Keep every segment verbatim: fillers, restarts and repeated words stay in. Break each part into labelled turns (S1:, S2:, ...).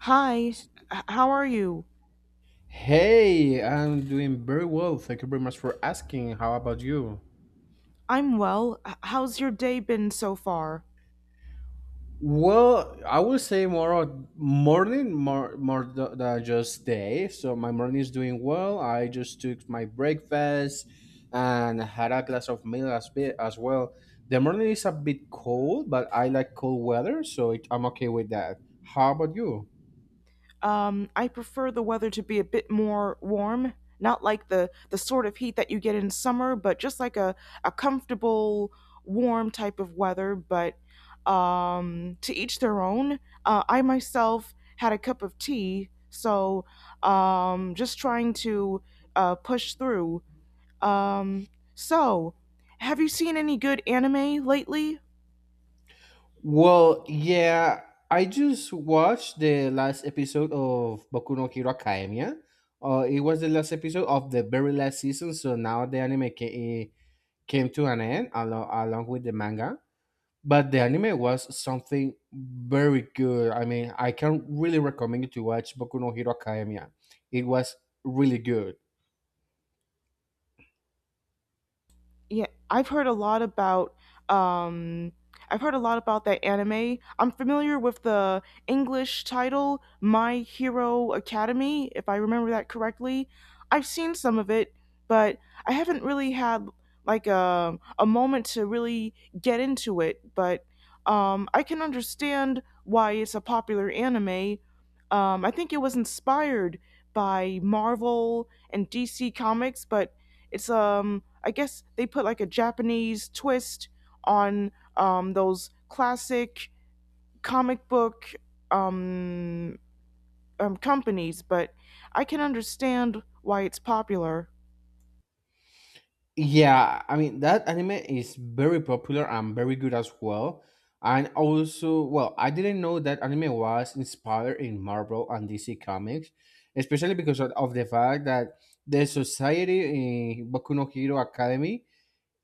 S1: Hi, h- how are you?
S2: Hey, I'm doing very well. Thank you very much for asking. How about you?
S1: I'm well. H- How's your day been so far?
S2: Well, I would say more of morning, more more th- than just day. So my morning is doing well. I just took my breakfast and had a glass of milk as, bit, as well. The morning is a bit cold, but I like cold weather, so it, I'm okay with that. How about you?
S1: Um, I prefer the weather to be a bit more warm, not like the the sort of heat that you get in summer, but just like a a comfortable, warm type of weather, but um, to each their own. Uh, I myself had a cup of tea, so um, just trying to uh, push through. Um, so, have you seen any good anime lately?
S2: Well, yeah, I just watched the last episode of Boku no Hero Academia. Uh, it was the last episode of the very last season, so now the anime ca- eh, came to an end along, along with the manga. But the anime was something very good. I mean, I can really recommend you to watch Boku no Hero Academia. It was really good.
S1: Yeah, I've heard a lot about um I've heard a lot about that anime. I'm familiar with the English title My Hero Academy, if I remember that correctly. I've seen some of it, but I haven't really had like a a moment to really get into it, but um I can understand why it's a popular anime. Um I think it was inspired by Marvel and D C Comics, but it's um I guess they put like a Japanese twist on um those classic comic book um, um companies, but I can understand why it's popular.
S2: Yeah, I mean that anime is very popular and very good as well. And also, well, I didn't know that anime was inspired in Marvel and D C comics, especially because of, of the fact that the society in Boku no Hero Academy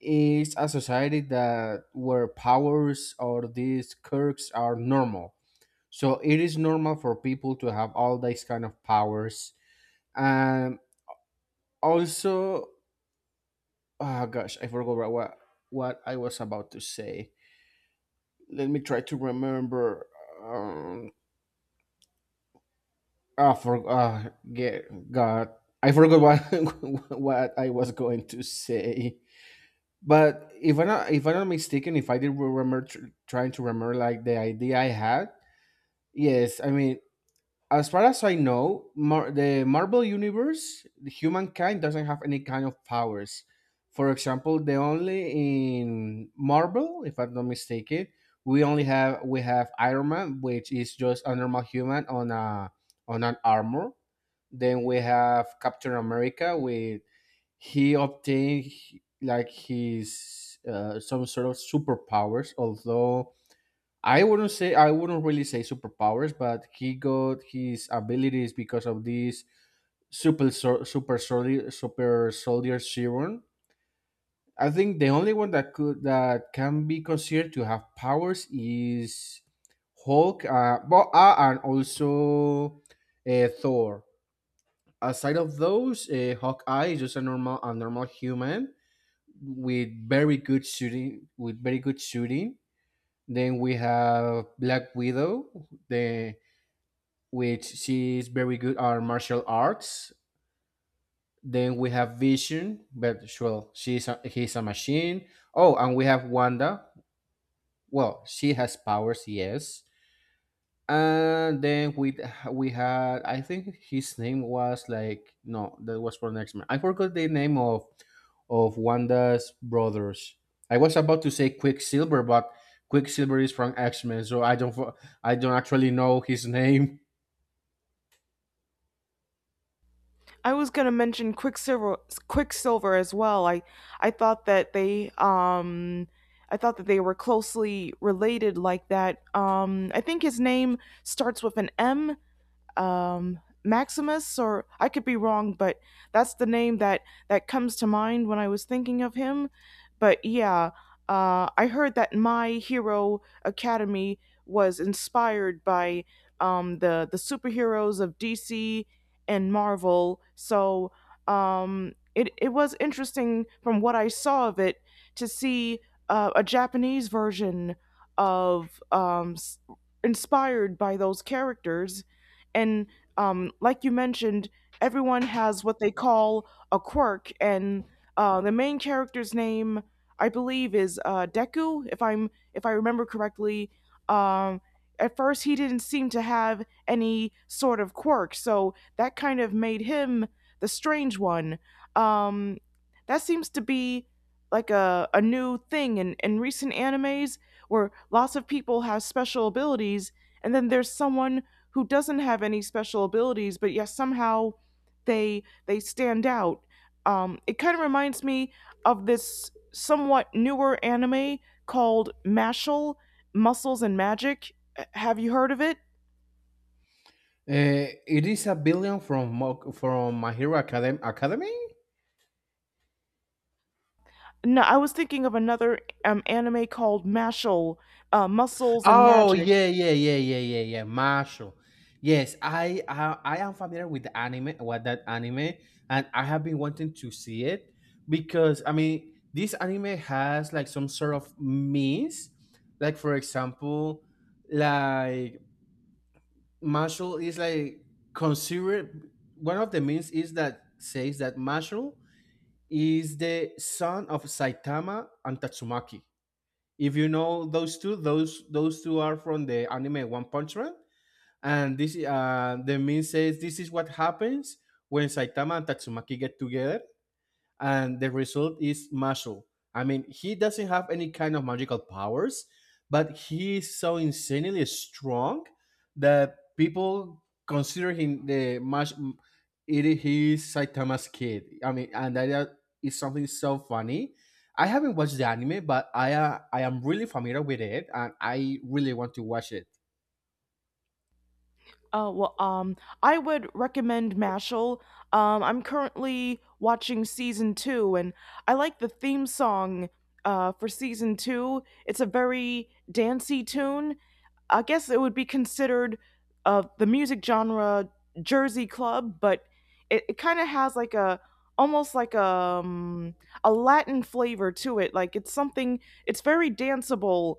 S2: is a society that where powers or these quirks are normal. So it is normal for people to have all these kind of powers. And also, oh gosh, I forgot what what I was about to say. Let me try to remember. Um, I for ah, get God, I forgot what what I was going to say. But if I'm not if I'm not mistaken, if I did remember tr- trying to remember like the idea I had, yes, I mean, as far as I know, Mar- the Marvel Universe, the humankind doesn't have any kind of powers. For example, the only in Marvel, if I'm not mistaken, we only have we have Iron Man, which is just a normal human on a on an armor. Then we have Captain America, with he obtained like his uh, some sort of superpowers, although I wouldn't say I wouldn't really say superpowers, but he got his abilities because of this super sol- super soldier super soldier serum. I think the only one that could that can be considered to have powers is Hulk, uh, but, uh and also uh, Thor. Aside of those, uh, Hawkeye is just a normal a normal human with very good shooting with very good shooting. Then we have Black Widow, the which she is very good at martial arts. Then we have Vision, but well, she's a, he's a machine. Oh, and we have Wanda. Well, she has powers, yes. And then we we had I think his name was like, no, that was for next man. I forgot the name of of Wanda's brothers. I was about to say Quicksilver, but Quicksilver is from X Men, so I don't fo- I don't actually know his name.
S1: I was gonna mention Quicksilver, Quicksilver as well. I I thought that they um I thought that they were closely related like that. Um, I think his name starts with an M, um, Maximus, or I could be wrong, but that's the name that that comes to mind when I was thinking of him. But yeah, uh, I heard that My Hero Academy was inspired by, um, the the superheroes of D C and Marvel, so um, it it was interesting from what I saw of it to see uh, a Japanese version of, um, s- inspired by those characters and, um, like you mentioned, everyone has what they call a quirk, and uh, the main character's name, I believe, is, uh, Deku, if I'm if I remember correctly. Um, at first, he didn't seem to have any sort of quirk, so that kind of made him the strange one. Um, that seems to be like a, a new thing in, in recent animes where lots of people have special abilities and then there's someone who doesn't have any special abilities, but yes, somehow they they stand out. Um, it kind of reminds me of this somewhat newer anime called Mashal, Muscles and Magic. Uh, Have you heard of it?
S2: Uh, it is a billion from Mo- from My Hero Academ- Academy.
S1: No, I was thinking of another, um, anime called Mashal, uh, Muscles and
S2: Oh,
S1: Magic.
S2: yeah, yeah, yeah, yeah, yeah, yeah. Marshall. Yes, I, I I am familiar with the anime, with that anime, and I have been wanting to see it because I mean this anime has like some sort of means, like for example, like Marshall is like considered one of the means is that says that Marshall is the son of Saitama and Tatsumaki. If you know those two, those those two are from the anime One Punch Man, and this uh, the meme says this is what happens when Saitama and Tatsumaki get together and the result is Mashu. I mean, he doesn't have any kind of magical powers, but he is so insanely strong that people consider him the Mash. It is he Saitama's kid. I mean, and that is something so funny. I haven't watched the anime, but I uh, I am really familiar with it, and I really want to watch it.
S1: Oh well, um, I would recommend Mashal. Um, I'm currently watching season two, and I like the theme song. Uh, for season two, it's a very dancey tune. I guess it would be considered uh the music genre Jersey Club, but it, it kind of has like a almost like a, um, a Latin flavor to it. Like it's something. It's very danceable,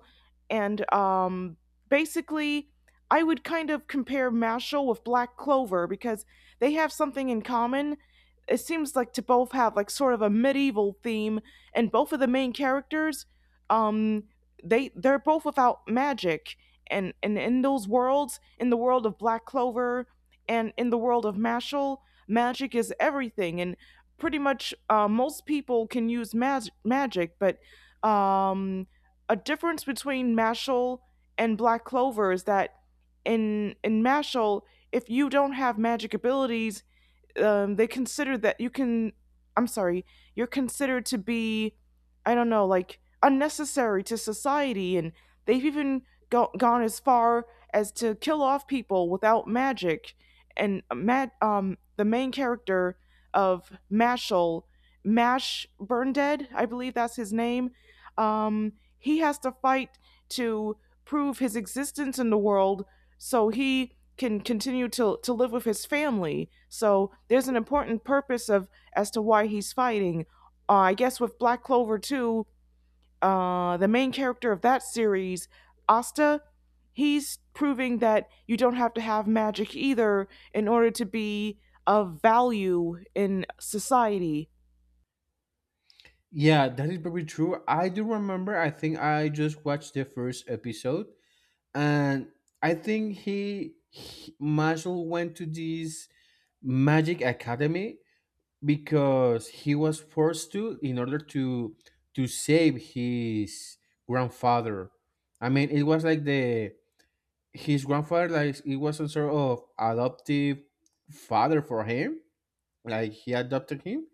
S1: and, um, basically I would kind of compare Mashal with Black Clover because they have something in common. It seems like to both have like sort of a medieval theme, and both of the main characters, um, they they're both without magic, and and in those worlds, in the world of Black Clover, and in the world of Mashal, magic is everything, and pretty much uh, most people can use mag- magic, but, um, a difference between Mashal and Black Clover is that in in Mashal, if you don't have magic abilities, um, they consider that you can I'm sorry you're considered to be, I don't know, like unnecessary to society, and they've even go- gone as far as to kill off people without magic. And Matt, um, the main character of Mashal, Mash Burndead, I believe that's his name. Um, he has to fight to prove his existence in the world, so he can continue to to live with his family. So there's an important purpose of as to why he's fighting. Uh, I guess with Black Clover too, uh, the main character of that series, Asta, he's proving that you don't have to have magic either in order to be of value in society.
S2: Yeah, that is very true. I do remember. I think I just watched the first episode, and I think he, he Marshall went to this magic academy because he was forced to in order to to save his grandfather. I mean, it was like the his grandfather, like it was a sort of adoptive father for him, like he adopted him,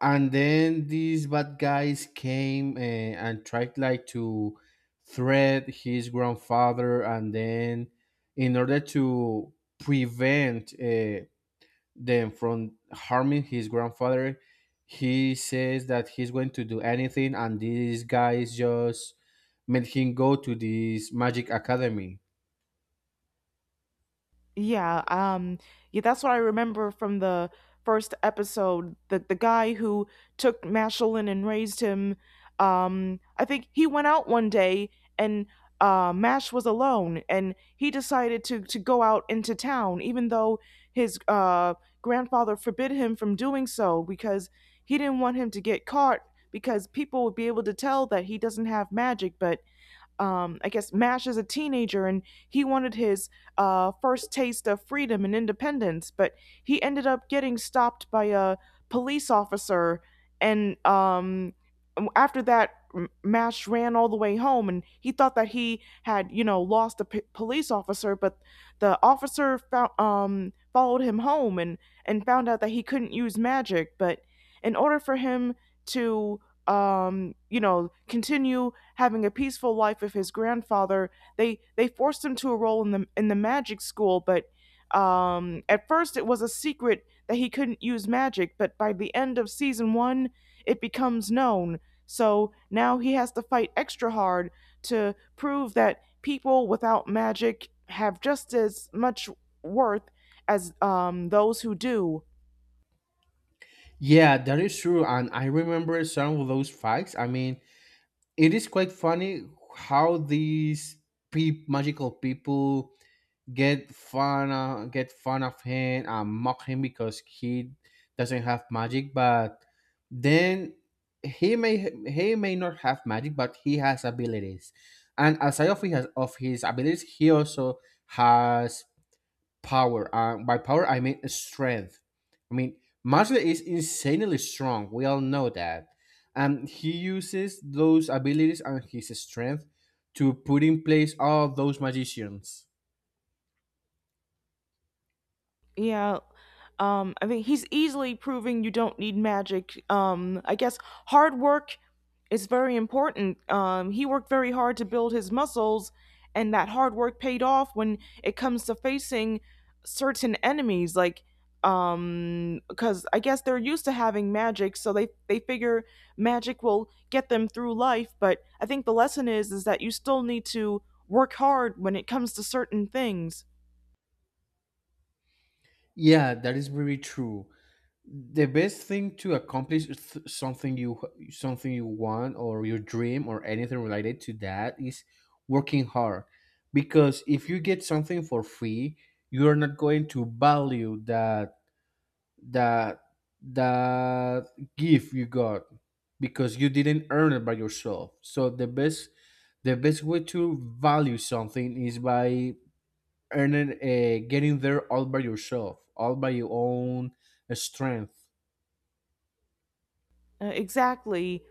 S2: and then these bad guys came uh, and tried like to threat his grandfather, and then in order to prevent uh, them from harming his grandfather, he says that he's going to do anything, and these guys just made him go to this magic academy.
S1: Yeah, um, yeah, that's what I remember from the first episode. The the guy who took Mashelin and raised him, um, I think he went out one day and, uh, Mash was alone, and he decided to to go out into town, even though his, uh, grandfather forbid him from doing so because he didn't want him to get caught because people would be able to tell that he doesn't have magic, but, um, I guess Mash is a teenager and he wanted his, uh, first taste of freedom and independence, but he ended up getting stopped by a police officer. And um, after that, Mash ran all the way home and he thought that he had, you know, lost a p- police officer, but the officer found, um, followed him home, and, and found out that he couldn't use magic. But in order for him to, um, you know, continue having a peaceful life with his grandfather. They they forced him to enroll in the in the magic school, but, um, at first it was a secret that he couldn't use magic. But by the end of season one, it becomes known. So now he has to fight extra hard to prove that people without magic have just as much worth as, um, those who do.
S2: Yeah, that is true, and I remember some of those facts. I mean, it is quite funny how these pe- magical people get fun uh, get fun of him and mock him because he doesn't have magic, but then he may he may not have magic, but he has abilities, and aside of his, of his abilities he also has power. Uh, by power, I mean strength. I mean, Masle is insanely strong. We all know that. And he uses those abilities and his strength to put in place all those magicians.
S1: Yeah. Um, I mean he's easily proving you don't need magic. Um, I guess hard work is very important. Um, he worked very hard to build his muscles, and that hard work paid off when it comes to facing certain enemies. Like, um, because I guess they're used to having magic, so they they figure magic will get them through life. But I think the lesson is is that you still need to work hard when it comes to certain things.
S2: Yeah, that is very true. The best thing to accomplish th- something you something you want or your dream or anything related to that is working hard. Because if you get something for free, you are not going to value that that that gift you got because you didn't earn it by yourself. So the best the best way to value something is by earning uh, getting there all by yourself, all by your own strength.
S1: Uh, exactly.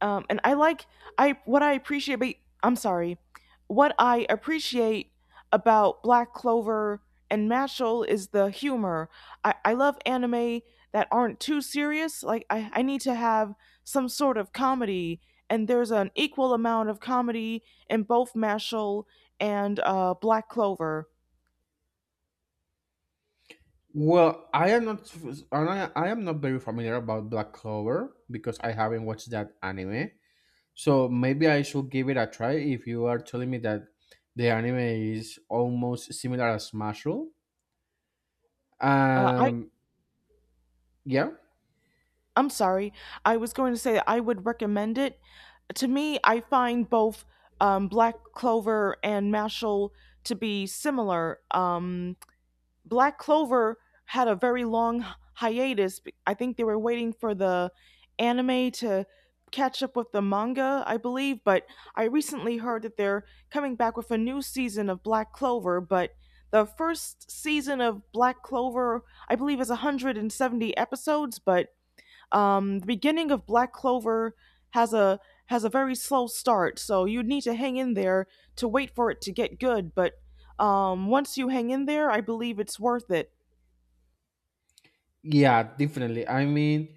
S1: um, and I like I what I appreciate. But I'm sorry, what I appreciate about Black Clover and Mashal is the humor. I, I love anime that aren't too serious. Like I, I need to have some sort of comedy, and there's an equal amount of comedy in both Mashal and, uh, Black Clover.
S2: Well i am not f- and i I am not very familiar about black clover because I haven't watched that anime, so maybe I should give it a try if you are telling me that the anime is almost similar as Mashle.
S1: Uh, I
S2: Um, yeah,
S1: I'm sorry, I was going to say I would recommend it. To me, I find both, um, Black Clover and Mashal to be similar. Um, Black Clover had a very long hiatus. I think they were waiting for the anime to catch up with the manga, I believe. But I recently heard that they're coming back with a new season of Black Clover. But the first season of Black Clover, I believe, is one hundred seventy episodes, but, um, the beginning of Black Clover has a has a very slow start, so you need to hang in there to wait for it to get good. But, um, once you hang in there, I believe it's worth it.
S2: yeah, definitely. I mean,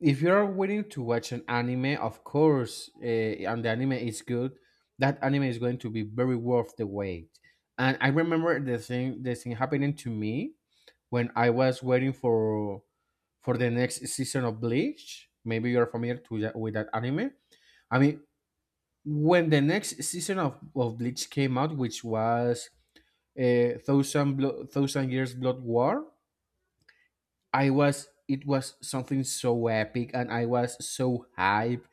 S2: if you are willing to watch an anime, of course, uh, and the anime is good, that anime is going to be very worth the wait. And I remember the thing, the thing happening to me when I was waiting for for the next season of Bleach. Maybe you're familiar to that, with that anime. I mean, when the next season of, of Bleach came out, which was uh, Thousand Blo- Thousand Years Blood War, I was it was something so epic, and I was so hype,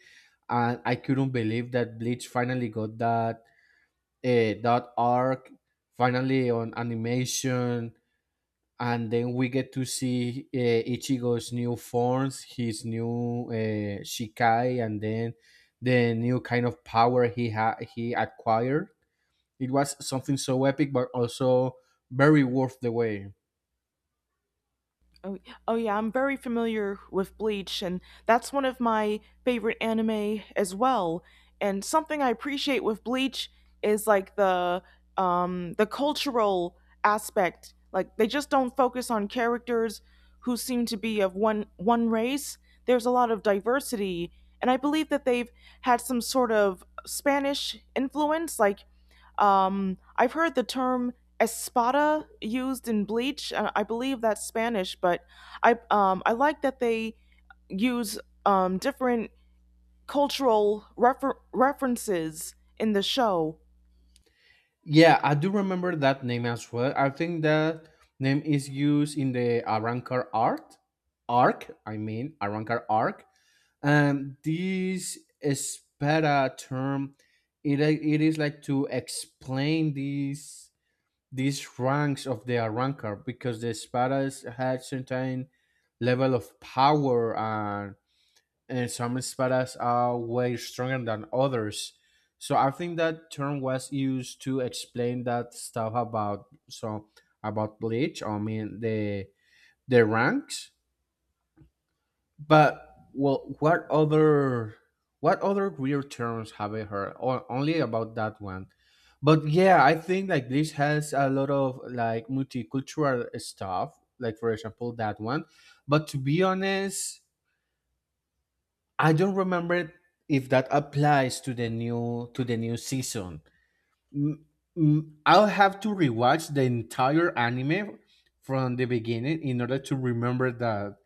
S2: and I couldn't believe that Bleach finally got that uh, that arc finally on animation, and then we get to see uh, Ichigo's new forms, his new uh, Shikai, and then the new kind of power he ha- he acquired. It was something so epic, but also very worth the wait.
S1: Oh, oh yeah, I'm very familiar with Bleach, and that's one of my favorite anime as well. And something I appreciate with Bleach is like the, um, the cultural aspect. Like they just don't focus on characters who seem to be of one one race. There's a lot of diversity, and I believe that they've had some sort of Spanish influence. Like, um, I've heard the term espada used in Bleach. Uh, I believe that's Spanish, but I, um, I like that they use, um, different cultural refer- references in the show.
S2: Yeah, I do remember that name as well. I think that name is used in the Arrancar art arc. I mean Arrancar arc, and this Espera term, it i- it is like to explain these these ranks of the Arrancar because the Espadas had certain level of power, and some espadas are way stronger than others. So I think that term was used to explain that stuff about, so about bleach. I mean, the the ranks. But well, what other what other weird terms have I heard? O- only about that one. But yeah, I think like bleach has a lot of like multicultural stuff. Like for example that one. But to be honest, I don't remember if that applies to the new to the new season. Mm, mm, I'll have to rewatch the entire anime from the beginning in order to remember that.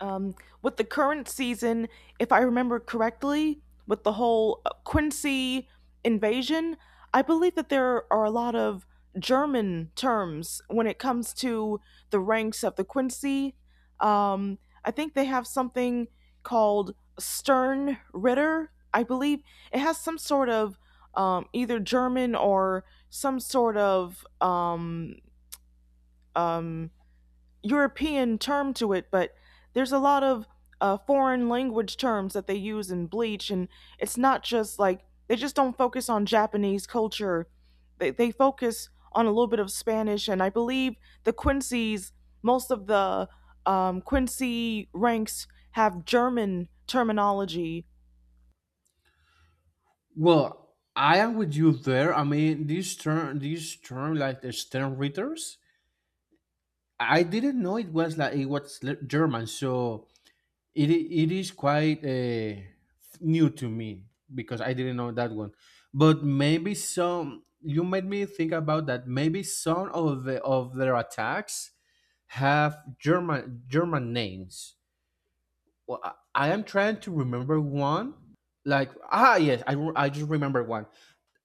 S1: Um, with the current season, if I remember correctly, with the whole Quincy invasion, I believe that there are a lot of German terms when it comes to the ranks of the Quincy. Um, I think they have something called Sternritter. I believe it has some sort of, um, either German or some sort of, um, um, European term to it, but there's a lot of, uh, foreign language terms that they use in Bleach, and it's not just like they just don't focus on Japanese culture. They, they focus on a little bit of Spanish, and I believe the Quincy's, most of the, um, Quincy ranks have German terminology.
S2: Well, I am with you there. I mean, this term, this term, like the Stern Readers, I didn't know it was like it was le- German. So It i- it is quite uh, new to me because I didn't know that one. But maybe some, you made me think about that. Maybe some of the of their attacks have German German names. Well, I, I am trying to remember one. Like, ah, yes, I re- I just remember one.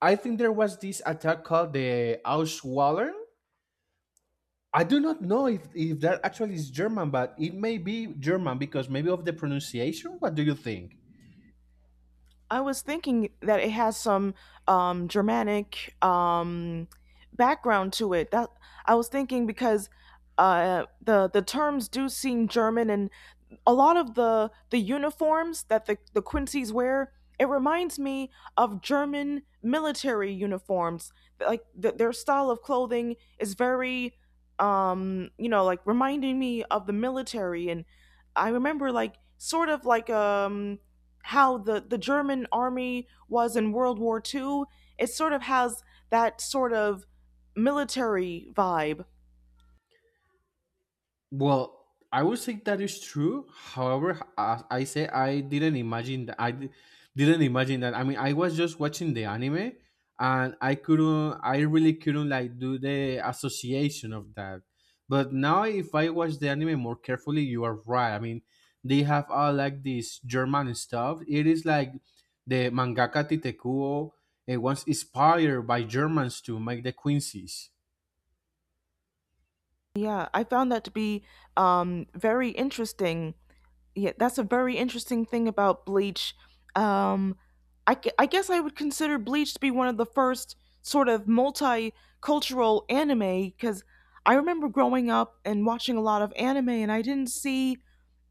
S2: I think there was this attack called the Auswallen. I do not know if, if that actually is German, but it may be German because maybe of the pronunciation. What do you think?
S1: I was thinking that it has some, um, Germanic, um, background to it. That I was thinking because, uh, the the terms do seem German and a lot of the the uniforms that the the Quincy's wear, it reminds me of German military uniforms. Like th- their style of clothing is very, um, you know, like reminding me of the military. And I remember like sort of like, um, how the the German army was in World War Two. It sort of has that sort of military vibe.
S2: Well, I would say that is true. However, as I say, I didn't imagine that. I di- didn't imagine that. I mean, I was just watching the anime, and I couldn't. I really couldn't like do the association of that. But now, if I watch the anime more carefully, you are right. I mean, they have all like this German stuff. It is like the mangaka Titekuo. It was inspired by Germans to make the Quincy's.
S1: Yeah, I found that to be, um, very interesting. Yeah, that's a very interesting thing about Bleach. Um, I, gu- I guess I would consider Bleach to be one of the first sort of multicultural anime because I remember growing up and watching a lot of anime, and I didn't see,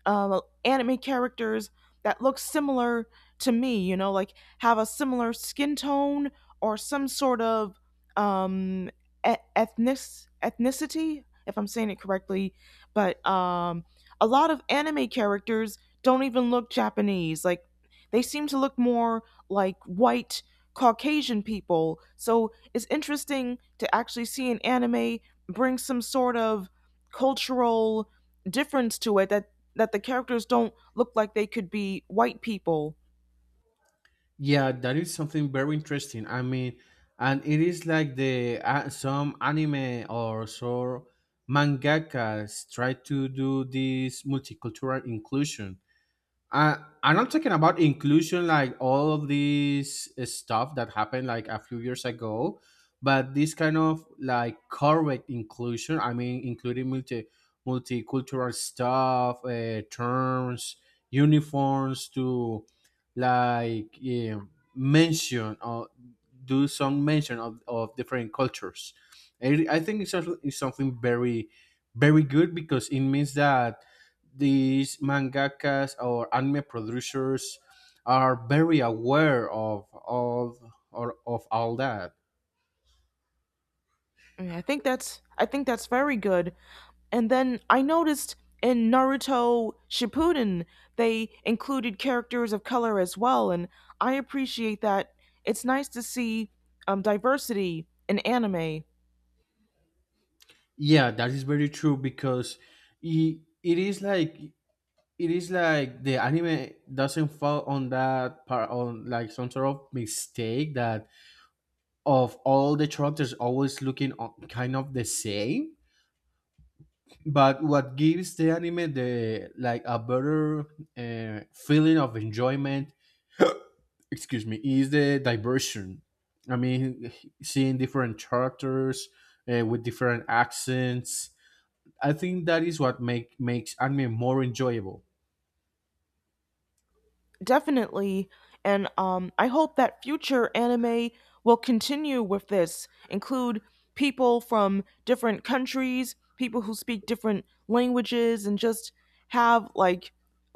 S1: um, anime characters that look similar to me, you know, like have a similar skin tone or some sort of, um, e- ethnic ethnicity, if I'm saying it correctly. But, um, a lot of anime characters don't even look Japanese. Like they seem to look more like white Caucasian people. So it's interesting to actually see an anime bring some sort of cultural difference to it that that the characters don't look like they could be white people.
S2: Yeah, that is something very interesting. I mean, and it is like the uh, some anime or so mangakas try to do this multicultural inclusion. I And I'm talking about inclusion, like all of this stuff that happened like a few years ago, but this kind of like correct inclusion. I mean, including multi multicultural stuff, uh, terms, uniforms to like eh, mention or do some mention of, of different cultures. I, I think it's, something- it's something very, very good because it means that these mangakas or anime producers are very aware of all or of all that.
S1: I, mean, I think that's I think that's very good. And then I noticed in Naruto Shippuden they included characters of color as well, and I appreciate that. It's nice to see, um, diversity in anime.
S2: Yeah, that is very true because it, it is like it is like the anime doesn't fall on that part on like some sort of mistake that of all the characters always looking o- kind of the same. But what gives the anime the like a better uh, feeling of enjoyment, excuse me, is the diversion. I mean, seeing different characters uh, with different accents, I think that is what make makes anime more enjoyable.
S1: Definitely. And, um, I hope that future anime will continue with this, include people from different countries, people who speak different languages, and just have like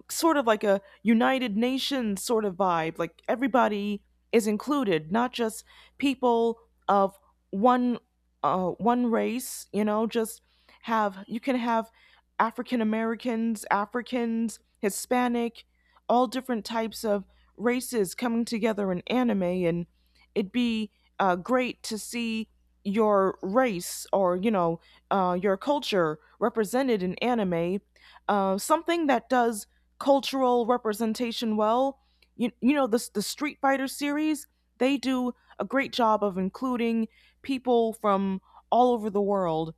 S1: sort of like a United Nations sort of vibe. Like everybody is included, not just people of one, uh, one race. You know, just have you can have African Americans, Africans, Hispanic, all different types of races coming together in anime, and it'd be, uh, great to see your race or you know, uh, your culture represented in anime, uh, something that does cultural representation well. You, you know the the Street Fighter series, they do a great job of including people from all over the world.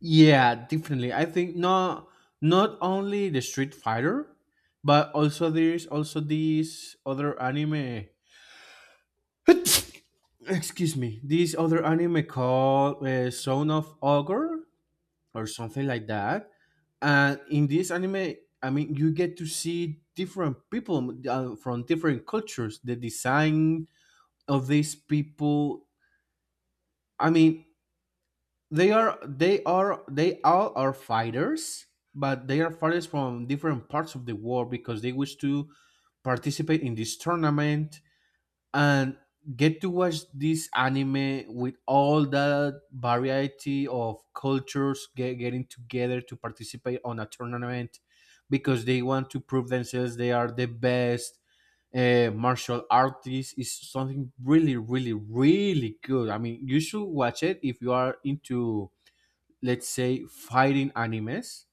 S2: Yeah, definitely. I think not not only the Street Fighter, but also there's also this other anime excuse me, this other anime called uh, Son of Ogre or something like that. And in this anime, I mean, you get to see different people uh, from different cultures. The design of these people, I mean, they are they are they all are fighters, but they are fighters from different parts of the world because they wish to participate in this tournament, and get to watch this anime with all the variety of cultures get, getting together to participate on a tournament because they want to prove themselves they are the best uh, martial artists is something really really really good. I mean, you should watch it if you are into, let's say, fighting animes,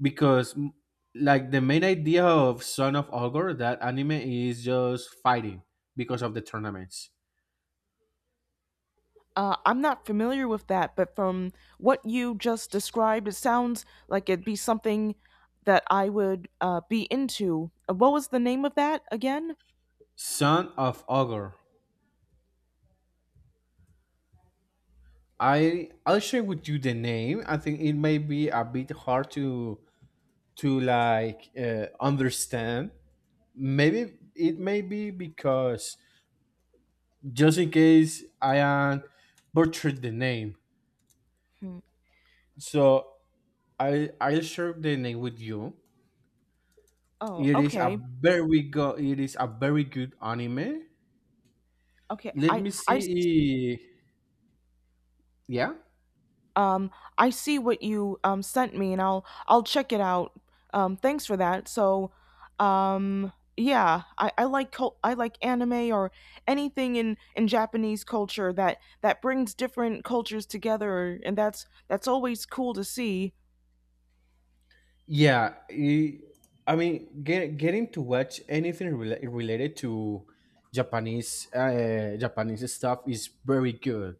S2: because mm, like the main idea of Son of Ogre, that anime is just fighting because of the tournaments.
S1: Uh, I'm not familiar with that, but from what you just described, it sounds like it'd be something that I would, uh, be into. Uh, What was the name of that again?
S2: Son of Ogre. I I'll share with you the name. I think it may be a bit hard to to like uh, understand. Maybe it may be because, just in case I am butchered the name.
S1: Hmm.
S2: So I I'll share the name with you.
S1: Oh,
S2: It is a
S1: okay.
S2: very good it is a very good anime.
S1: Okay,
S2: Let
S1: I
S2: me
S1: I s-
S2: see. eh, Yeah,
S1: um I see what you, um sent me and I'll I'll check it out. Um, thanks for that. So, um, yeah, I I like cul I like anime or anything in in Japanese culture that that brings different cultures together and that's that's always cool to see.
S2: yeah. eh, I mean, get, getting to watch anything rela- related to Japanese uh, Japanese stuff is very good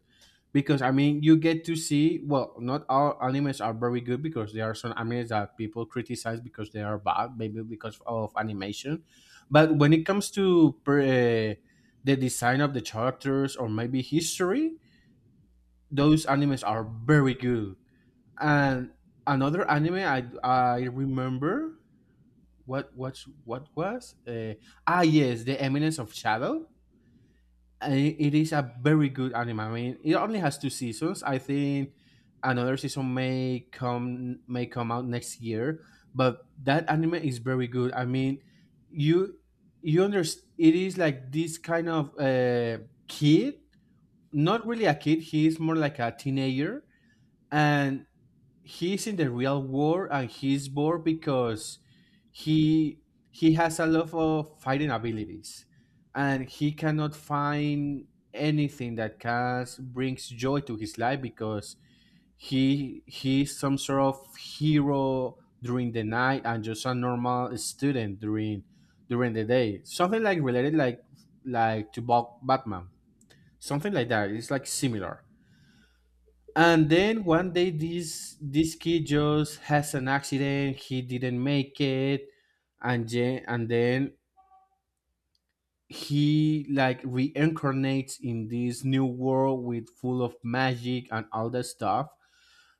S2: because, I mean, you get to see. Well, not all animes are very good because there are some animes that people criticize because they are bad, maybe because of animation. But when it comes to uh, the design of the characters or maybe history, those animes are very good. And another anime I I remember what what what was uh, ah, yes, The Eminence of Shadow. And it is a very good anime. I mean, it only has two seasons. I think another season may come may come out next year, but that anime is very good. I mean, you you understand it is like this kind of uh, kid, not really a kid. He is more like a teenager, and he's in the real war and he's bored because he he has a lot of fighting abilities and he cannot find anything that can brings joy to his life because he he's some sort of hero during the night and just a normal student during during the day, something like related like like to Bat- batman, something like that. It's like similar. And then one day this this kid just has an accident, he didn't make it, and then and then he like reincarnates in this new world with full of magic and all that stuff.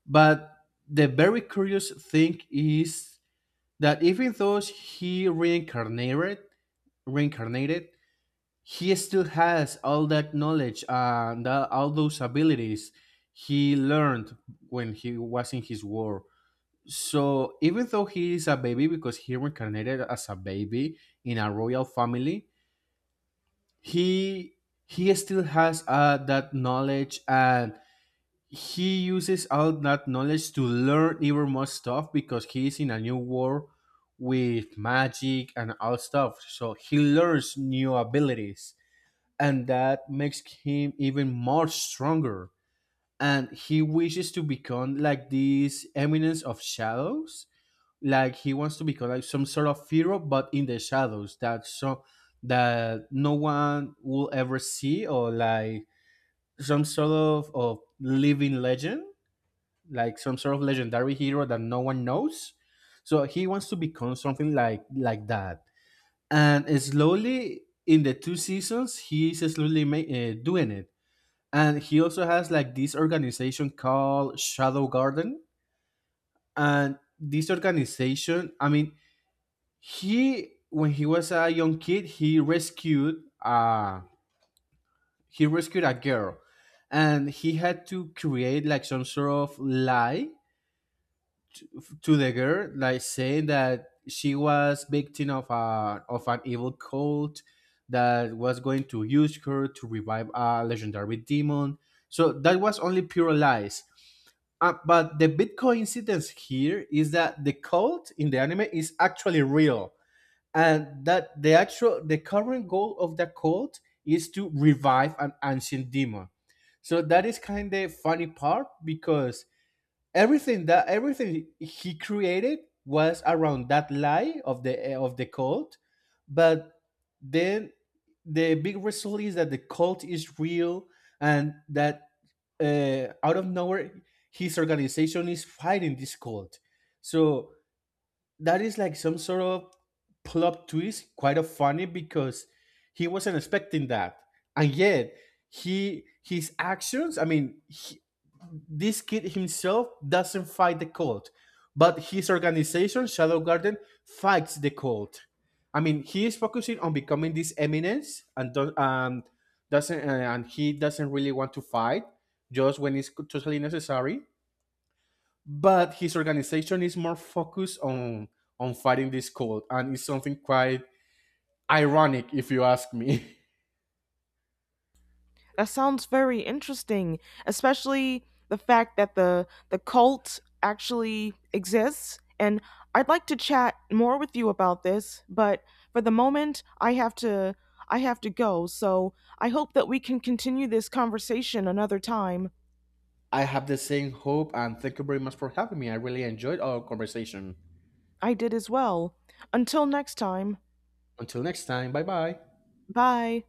S2: But the very curious thing is that, even though he reincarnated reincarnated, he still has all that knowledge and tha- all those abilities he learned when he was in his war. So even though he is a baby, because he reincarnated as a baby in a royal family, he he still has uh, that knowledge, and he uses all that knowledge to learn even more stuff because he is in a new war with magic and all stuff. So he learns new abilities, and that makes him even more stronger, and he wishes to become like this eminence of shadows. Like, he wants to become like some sort of hero but in the shadows, that so that no one will ever see, or like some sort of, of living legend, like some sort of legendary hero that no one knows. So he wants to become something like like that, and slowly in the two seasons he's slowly ma- uh, doing it. And he also has like this organization called Shadow Garden, and this organization, I mean, he when he was a young kid he rescued uh he rescued a girl, and he had to create like some sort of lie to the girl, like saying that she was victim of a of an evil cult that was going to use her to revive a legendary demon. So that was only pure lies. Uh, but the big coincidence here is that the cult in the anime is actually real, and that the actual the current goal of the cult is to revive an ancient demon. So that is kind of funny part, because everything that everything he created was around that lie of the of the cult. But then the big result is that the cult is real, and that uh, out of nowhere his organization is fighting this cult. So that is like some sort of plot twist, quite a funny, because he wasn't expecting that, and yet he his actions. I mean, he, this kid himself doesn't fight the cult, but his organization Shadow Garden fights the cult. I mean, he is focusing on becoming this eminence, and do um, doesn't uh, and he doesn't really want to fight just when it's totally necessary, but his organization is more focused on on fighting this cult, and it's something quite ironic, if you ask me.
S1: That sounds very interesting, especially the fact that the the cult actually exists. And I'd like to chat more with you about this, but for the moment, I have to I have to go. So I hope that we can continue this conversation another time.
S2: I have the same hope, and thank you very much for having me. I really enjoyed our conversation.
S1: I did as well. Until next time,
S2: Until next time, bye bye.
S1: bye.